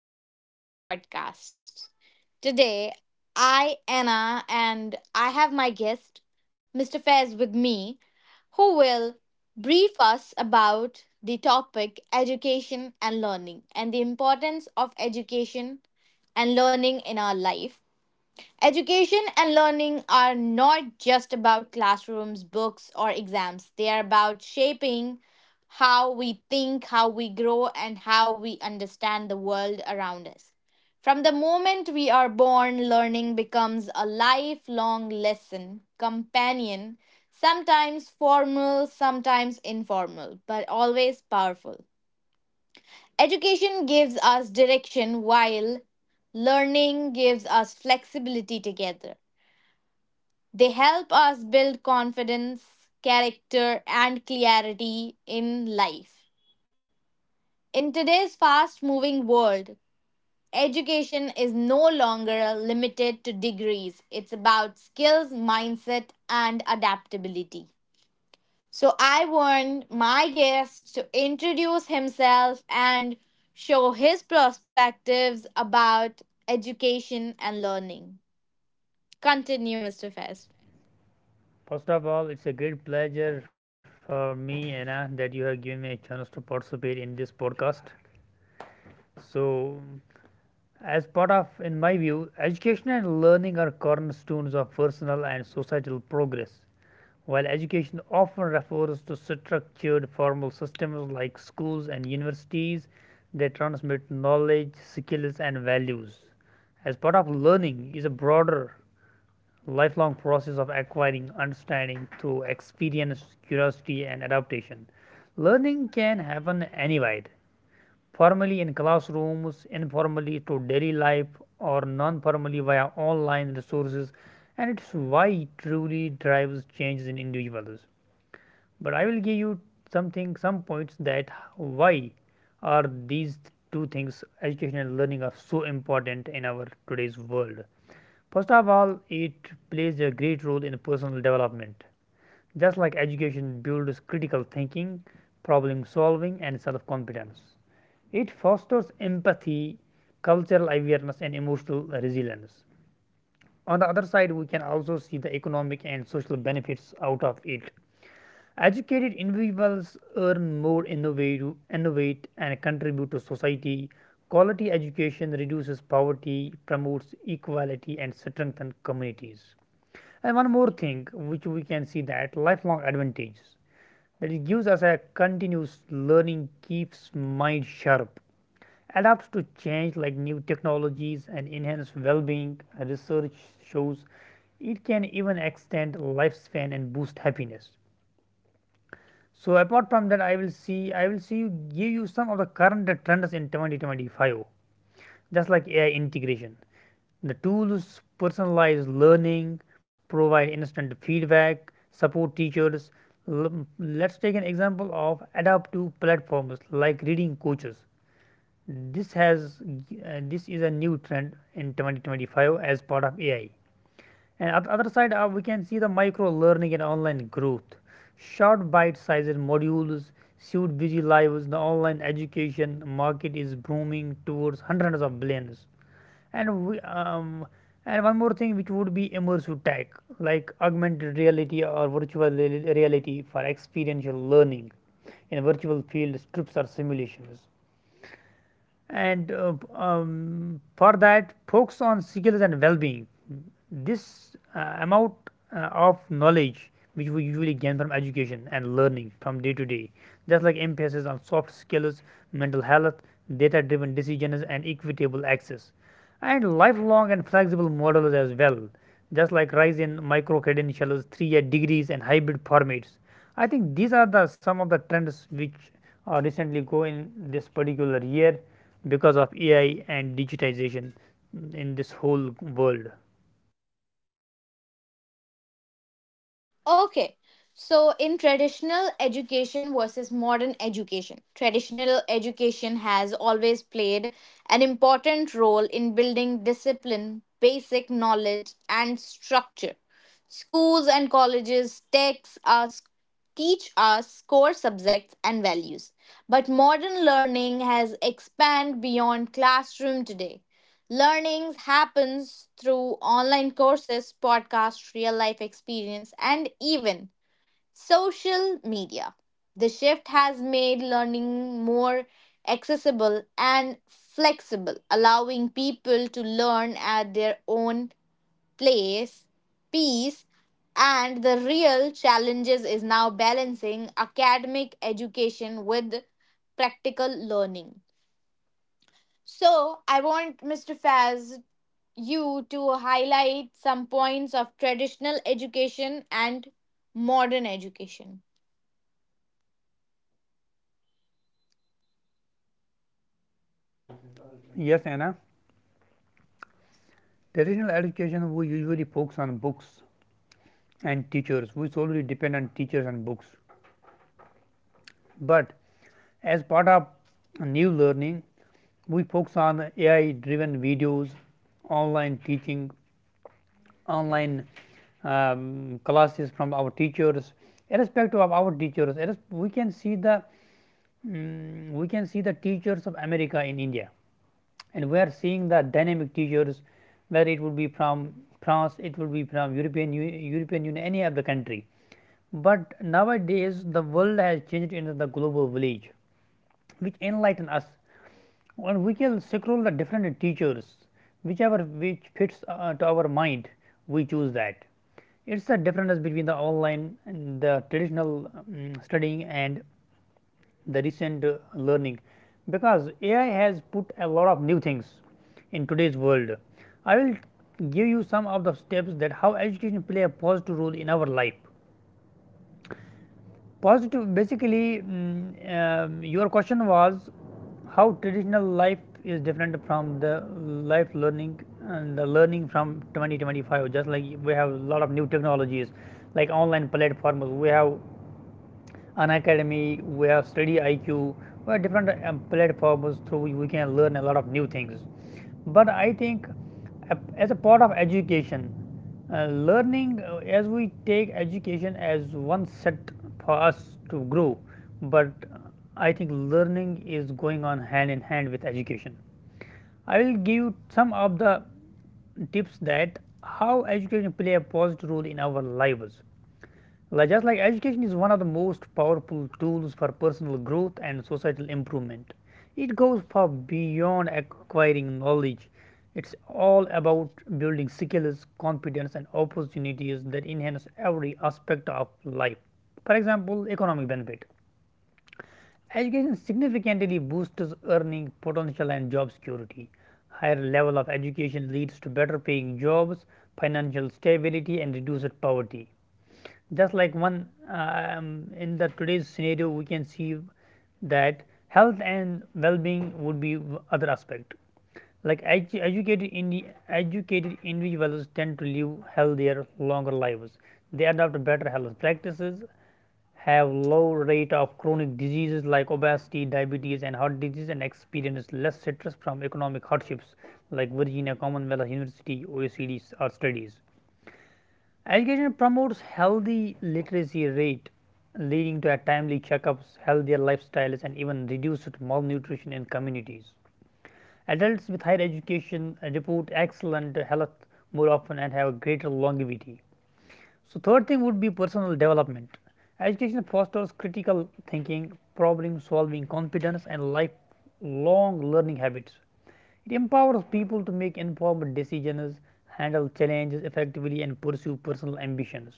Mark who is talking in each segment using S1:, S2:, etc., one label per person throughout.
S1: welcome back to our podcast. Today, I, Anna, and I have my guest, Mr. Faiz, with me, who will brief us about the topic education and learning and the importance of education and learning in our life. Education and learning are not just about classrooms, books, or exams. They are about shaping how we think, how we grow, and how we understand the world around us. From the moment we are born, learning becomes a lifelong lesson, companion, sometimes formal, sometimes informal, but always powerful. Education gives us direction while learning gives us flexibility together. They help us build confidence, character, and clarity in life. In today's fast moving world, education is no longer limited to degrees. It's about skills, mindset, and adaptability. So I want my guest to introduce himself and show his perspectives about education and learning. Continue, Mr. Fest.
S2: First of all, it's a great pleasure for me, Anna, that you have given me a chance to participate in this podcast. So, as part of, in my view, education and learning are cornerstones of personal and societal progress. While education often refers to structured formal systems like schools and universities they transmit knowledge, skills, and values, as part of learning is a broader lifelong process of acquiring understanding through experience, curiosity, and adaptation. Learning can happen anywhere, formally in classrooms, informally through daily life, or non formally via online resources, and it's why it truly drives changes in individuals. But I will give you something, some points that why are these two things, education and learning, are so important in our today's world. First of all, it plays a great role in personal development. Just like education builds critical thinking, problem solving, and self confidence, it fosters empathy, cultural awareness, and emotional resilience. On the other side, we can also see the economic and social benefits out of it. Educated individuals earn more, innovate and contribute to society. Quality education reduces poverty, promotes equality, and strengthens communities. And one more thing, which we can see that lifelong advantages that it gives us a continuous learning keeps mind sharp, adapts to change like new technologies and enhance well-being. Research shows it can even extend lifespan and boost happiness. So apart from that, I will see give you some of the current trends in 2025, just like AI integration. The tools personalize learning, provide instant feedback, support teachers. Let's take an example of adaptive platforms like reading coaches. This has this is a new trend in 2025 as part of AI. And at the other side, we can see the micro learning and online growth. Short bite-sized modules suit busy lives. The online education market is booming towards hundreds of billions and and one more thing which would be immersive tech like augmented reality or reality for experiential learning in virtual field trips or simulations and for that focus on skills and well-being this amount of knowledge which we usually gain from education and learning from day to day just like emphasis on soft skills, mental health, data driven decisions and equitable access and lifelong and flexible models as well, just like rise in micro credentials, 3 year degrees, and hybrid formats. I think these are the some of the trends which are recently go in this particular year because of AI and digitization in this whole world.
S1: Okay. So, in traditional education versus modern education, traditional education has always played an important role in building discipline, basic knowledge, and structure. Schools and colleges texts us teach us core subjects and values. But modern learning has expanded beyond classroom today. Learning happens through online courses, podcasts, real life experience, and even social media. The shift has made learning more accessible and flexible, allowing people to learn at their own place, pace, and the real challenges is now balancing academic education with practical learning. So I want Mr. Faz you to highlight some points of traditional education and modern education.
S2: Yes, Anna. Traditional education we usually focus on books and teachers. We solely depend on teachers and books. But as part of new learning, we focus on AI driven videos, online teaching, online classes from our teachers, irrespective of our teachers. We can see the we can see the teachers of America in India, and we are seeing the dynamic teachers, whether it would be from France, it would be from European Union, any other country. But nowadays, the world has changed into the global village which enlighten us. And we can scroll the different teachers, whichever which fits to our mind, we choose that. It's a difference between the online and the traditional studying and the recent learning because AI has put a lot of new things in today's world. I will give you some of the steps that how education play a positive role in our life. Positive basically, your question was how traditional life is different from the life learning and the learning from 2025. Just like we have a lot of new technologies, like online platforms, we have an academy, we have Study IQ, we have different platforms through which we can learn a lot of new things. But I think as a part of education, learning as we take education as one set for us to grow, but uh, I think learning is going on hand in hand with education. I will give you some of the tips that how education play a positive role in our lives like just like education is one of the most powerful tools for personal growth and societal improvement. It goes far beyond acquiring knowledge. It's all about building skills, confidence, and opportunities that enhance every aspect of life. For example, economic benefit. Education significantly boosts earning potential and job security. Higher level of education leads to better paying jobs, financial stability, and reduced poverty just like one in the today's scenario we can see that health and well-being would be other aspect like educated individuals tend to live healthier longer lives. They adopt better health practices, have low rate of chronic diseases like obesity, diabetes and heart disease and experience less stress from economic hardships like Virginia Commonwealth University, OECD studies. Education promotes healthy literacy rate, leading to a timely checkups, healthier lifestyles, and even reduced malnutrition in communities. Adults with higher education report excellent health more often and have greater longevity. So, third thing would be personal development. Education fosters critical thinking, problem solving competence, and lifelong learning habits. It empowers people to make informed decisions, handle challenges effectively, and pursue personal ambitions.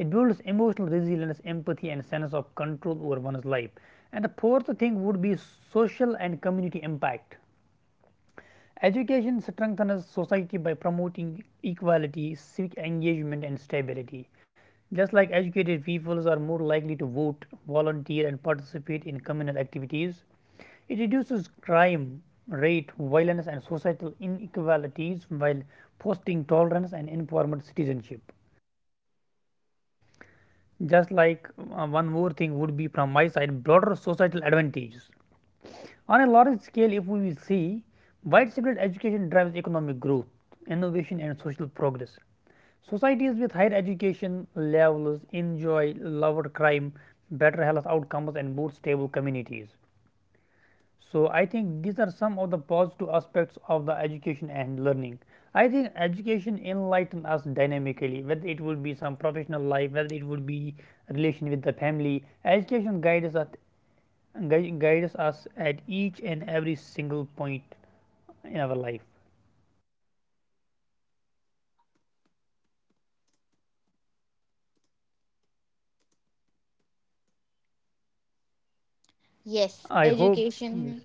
S2: It builds emotional resilience, empathy, and sense of control over one's life. And the fourth thing would be social and community impact. Education strengthens society by promoting equality, civic engagement, and stability. Just like educated peoples are more likely to vote, volunteer, and participate in communal activities, it reduces crime rate, violence, and societal inequalities while fostering tolerance and informed citizenship. Just like one more thing would be from my side, broader societal advantages. On a large scale, if we will see, widespread education drives economic growth, innovation, and social progress. Societies with higher education levels enjoy lower crime, better health outcomes, and more stable communities. So, I think these are some of the positive aspects of the education and learning. I think education enlightens us dynamically, whether it would be some professional life, whether it would be relation with the family. Education guides us guides us at each and every single point in our life.
S1: Yes,
S2: I hope yes,
S1: education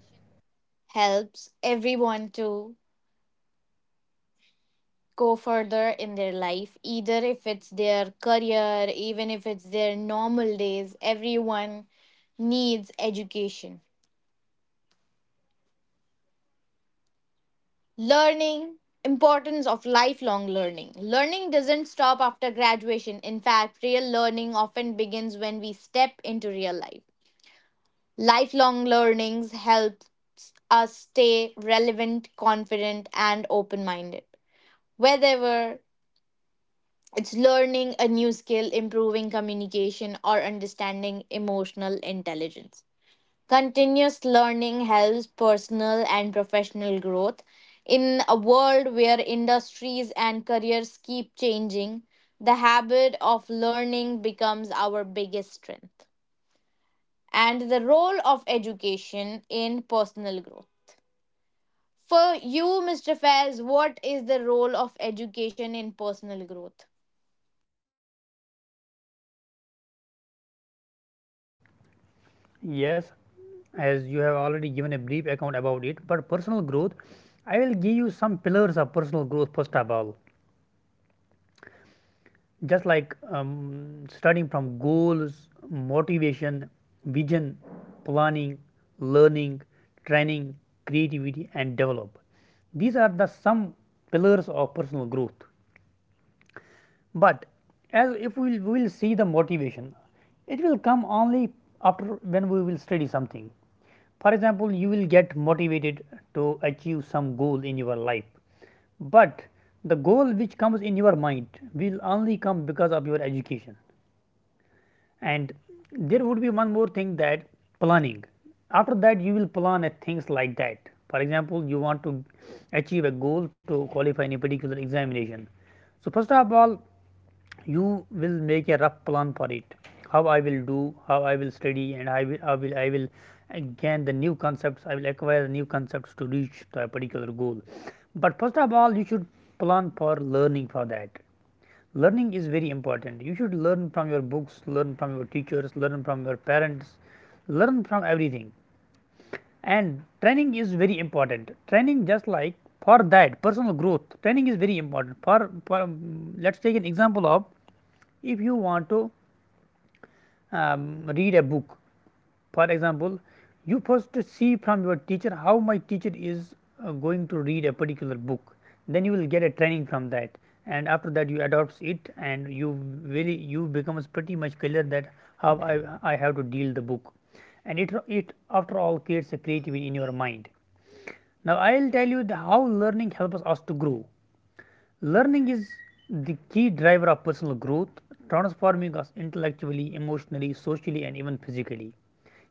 S1: helps everyone to go further in their life, either if it's their career, even if it's their normal days, everyone needs education. Learning, importance of lifelong learning. Learning doesn't stop after graduation. In fact, real learning often begins when we step into real life. Lifelong learnings helps us stay relevant, confident, and open minded. Whether it's learning a new skill, improving communication, or understanding emotional intelligence. Continuous learning helps personal and professional growth. In a world where industries and careers keep changing, the habit of learning becomes our biggest strength. And the role of education in personal growth. For you, Mr. Faiz, what is the role of education in personal growth?
S2: yes, as you have already given a brief account about it. But personal growth, I will give you some pillars of personal growth first of all. Just like starting from goals, motivation, vision, planning, learning, training, creativity, and develop. These are the some pillars of personal growth. But as if we'll see the motivation, it will come only after when we will study something. For example, you will get motivated to achieve some goal in your life, but the goal which comes in your mind will only come because of your education and there would be one more thing that planning. After that you will plan at things like that. For example, you want to achieve a goal to qualify in a particular examination, so first of all you will make a rough plan for it. How I will do, how I will study, and I will gain the new concepts, I will acquire the new concepts to reach to a particular goal. But first of all you should plan for learning. For that learning is very important. You should learn from your books, learn from your teachers, learn from your parents, learn from everything. And training is very important. Training just like for that personal growth training is very important for let's take an example of if you want to read a book. For example, you first see from your teacher how my teacher is going to read a particular book. Then you will get a training from that, and after that you adopts it, and you really you becomes pretty much clear that how I have to deal the book, and it after all creates a creativity in your mind. Now I'll tell you the, how learning helps us to grow. Learning is the key driver of personal growth, transforming us intellectually, emotionally, socially, and even physically.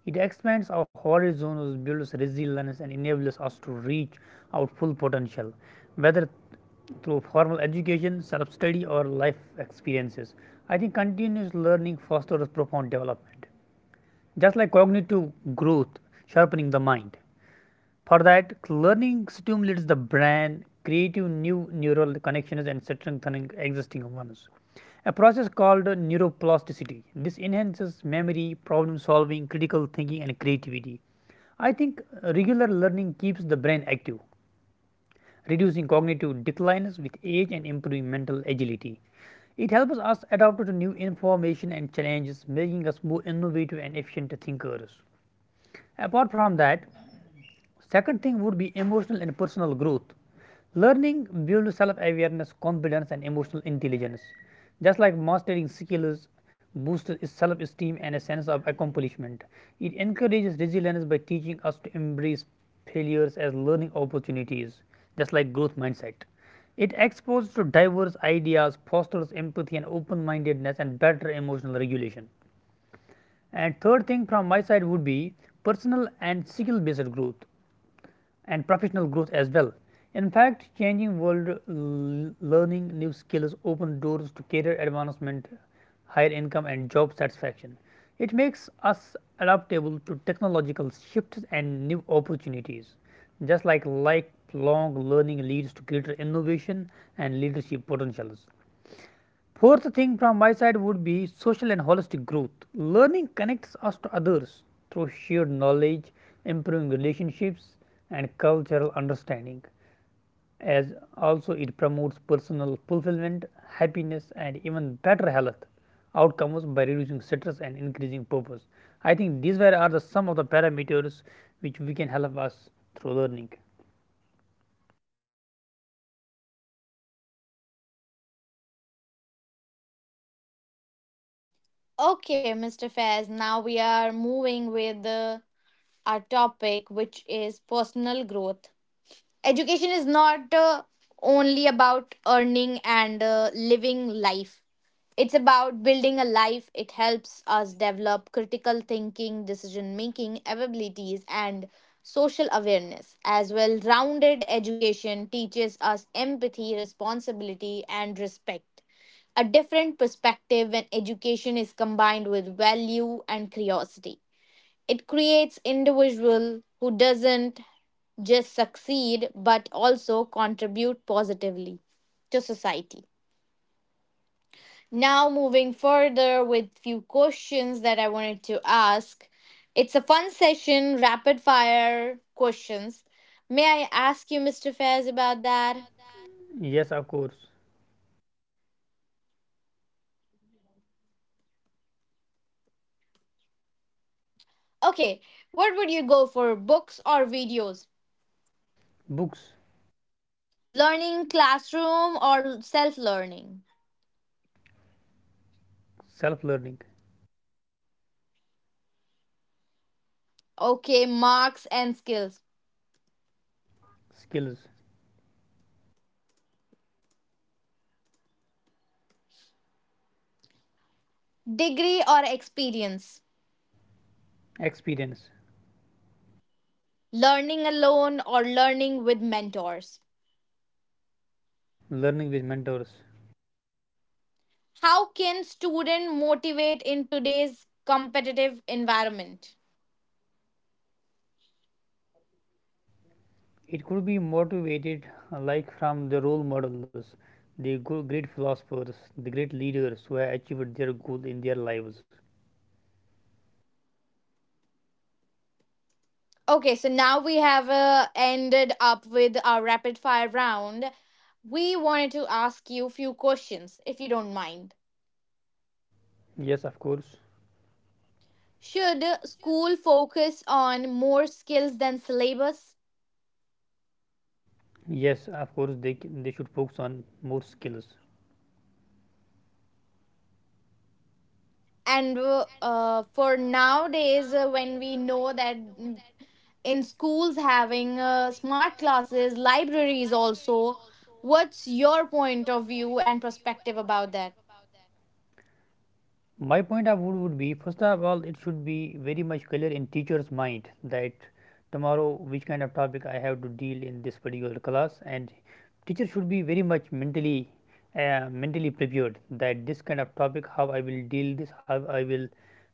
S2: It expands our horizons, builds resilience, and enables us to reach our full potential, whether through formal education, self study, or life experiences. I think continuous learning fosters profound development. Just like cognitive growth, sharpening the mind. For that, learning stimulates the brain, creating new neural connections, and strengthening existing ones. A process called neuroplasticity. This enhances memory, problem solving, critical thinking, and creativity. I think regular learning keeps the brain active, reducing cognitive declines with age and improving mental agility. It helps us adapt to new information and challenges, making us more innovative and efficient thinkers. Apart from that, second thing would be emotional and personal growth. Learning builds self awareness, confidence, and emotional intelligence. Just like mastering skills boosts self esteem and a sense of accomplishment, it encourages resilience by teaching us to embrace failures as learning opportunities, just like growth mindset. It exposes to diverse ideas, fosters empathy and open mindedness, and better emotional regulation. And third thing from my side would be personal and skill based growth and professional growth as well. In fact, changing world learning new skills open doors to career advancement, higher income and job satisfaction. It makes us adaptable to technological shifts and new opportunities. Just like lifelong learning leads to greater innovation and leadership potentials. Fourth thing from my side would be social and holistic growth. Learning connects us to others through shared knowledge, improving relationships, and cultural understanding. As also, it promotes personal fulfillment, happiness, and even better health outcomes by reducing stress and increasing purpose. I think these were are the some of the parameters which we can help us through learning.
S1: Okay, Mr. Faiz, now we are moving with our topic, which is personal growth. Education is not only about earning and living life. It's about building a life. It helps us develop critical thinking, decision making abilities, and social awareness. As well, rounded education teaches us empathy, responsibility, and respect. A different perspective when education is combined with value and curiosity. It creates individual who doesn't just succeed but also contribute positively to society. Now moving further with few questions that I wanted to ask. It's a fun session, rapid fire questions. May I ask you, Mr. Fairs, about that?
S2: Yes, of course.
S1: Okay, what would you go for, books or videos?
S2: Books.
S1: Learning classroom or self learning?
S2: Self learning.
S1: Okay, marks and skills.
S2: Skills.
S1: Degree or experience?
S2: Experience.
S1: Learning alone or learning with mentors?
S2: Learning with mentors.
S1: How can student motivate in today's competitive environment?
S2: It could be motivated, like from the role models, great philosophers, the great leaders who have achieved their goal in their lives.
S1: Okay, so now we have ended up with our rapid fire round. We wanted to ask you few questions if you don't mind.
S2: Yes, of course.
S1: Should school focus on more skills than syllabus?
S2: Yes, of course. They should focus on more skills.
S1: And for nowadays, when we know that in schools having smart classes, libraries also. What's your point of view and perspective about that?
S2: My point of view would be, first of all, it should be very much clear in teacher's mind that tomorrow which kind of topic I have to deal in this particular class, and teacher should be very much mentally mentally prepared that this kind of topic how I will deal this, how I will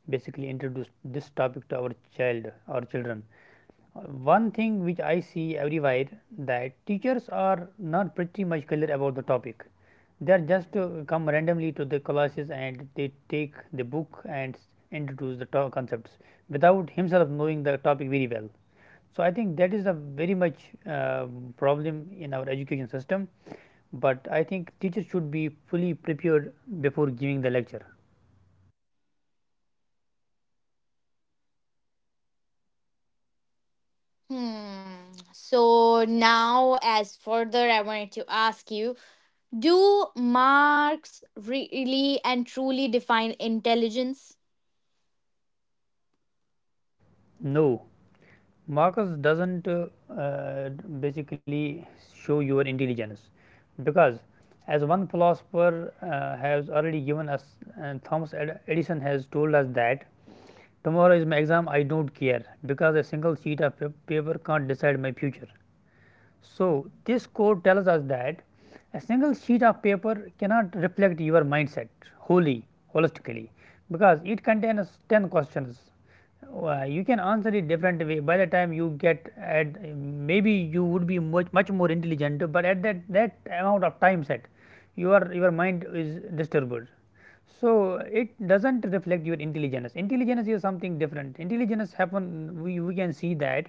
S2: basically introduce this topic to our child or children. One thing which I see everywhere that teachers are not pretty much clear about the topic. They are just come randomly to the classes and they take the book and introduce the concepts without himself knowing the topic very well. So I think that is a very much uh, problem in our education system. But I think teachers should be fully prepared before giving the lecture.
S1: Hmm. So now, as further, I wanted to ask you: do marks really and truly define intelligence?
S2: No. Marks doesn't uh, basically show your intelligence, because as one philosopher has already given us, and Thomas Edison has told us that tomorrow is my exam, I don't care, because a single sheet of paper can't decide my future. So, this code tells us that a single sheet of paper cannot reflect your mindset wholly, holistically, because it contains 10 questions. You can answer it different way. By the time you get at, maybe you would be much much more intelligent, but at that amount of time set, your mind is disturbed, so it doesn't reflect your intelligence. Intelligence is something different. Intelligence happen, we can see that,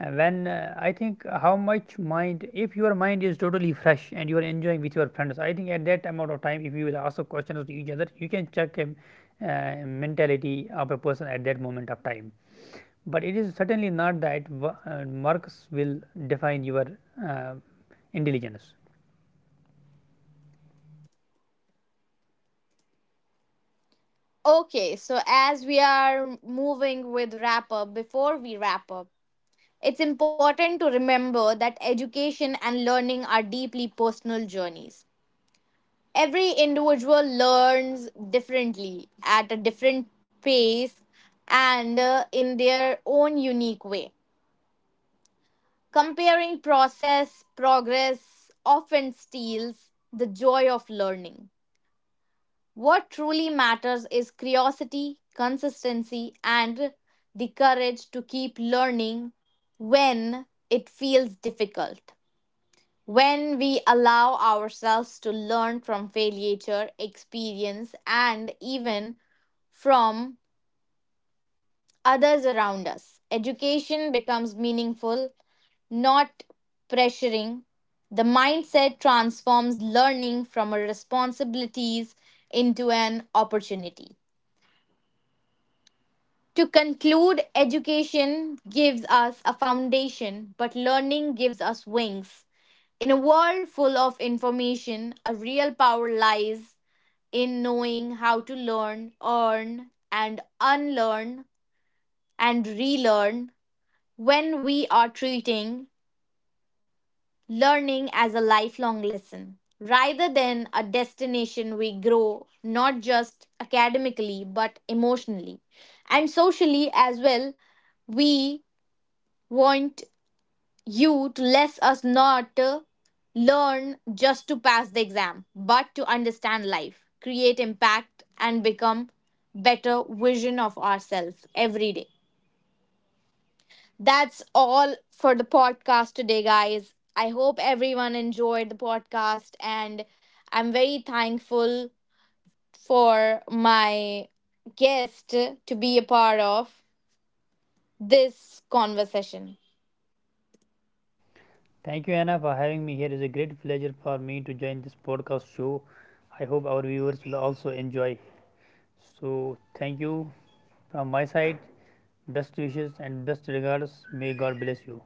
S2: when, I think how much mind, if your mind is totally fresh and you are enjoying with your friends, I think at that amount of time if you will ask questions to each other you can check, mentality of a person at that moment of time. But it is certainly not that marks will define your uh, intelligence.
S1: Okay, so as we are moving with wrap up, before we wrap up, it's important to remember that education and learning are deeply personal journeys. Every individual learns differently at a different pace and in their own unique way, comparing process progress often steals the joy of learning. What truly matters is curiosity, consistency, and the courage to keep learning when it feels difficult. When we allow ourselves to learn from failure, experience, and even from others around us, education becomes meaningful, not pressuring. The mindset transforms learning from a responsibilities into an opportunity. To conclude, education gives us a foundation, but learning gives us wings. In a world full of information, a real power lies in knowing how to learn, earn, and unlearn and relearn. When we are treating learning as a lifelong lesson rather than a destination, we grow not just academically but emotionally and socially as well. We want you to let us not learn just to pass the exam, but to understand life, create impact, and become better vision of ourselves every day. That's all for the podcast today, guys. I hope everyone enjoyed the podcast, and I'm very thankful for my guest to be a part of this conversation.
S2: Thank you, Anna, for having me here. It is a great pleasure for me to join this podcast show. I hope our viewers will also enjoy. So thank you from my side. Best wishes and best regards. May God bless you.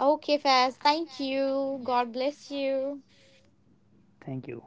S1: Okay, Faz, thank you. God bless you.
S2: Thank you.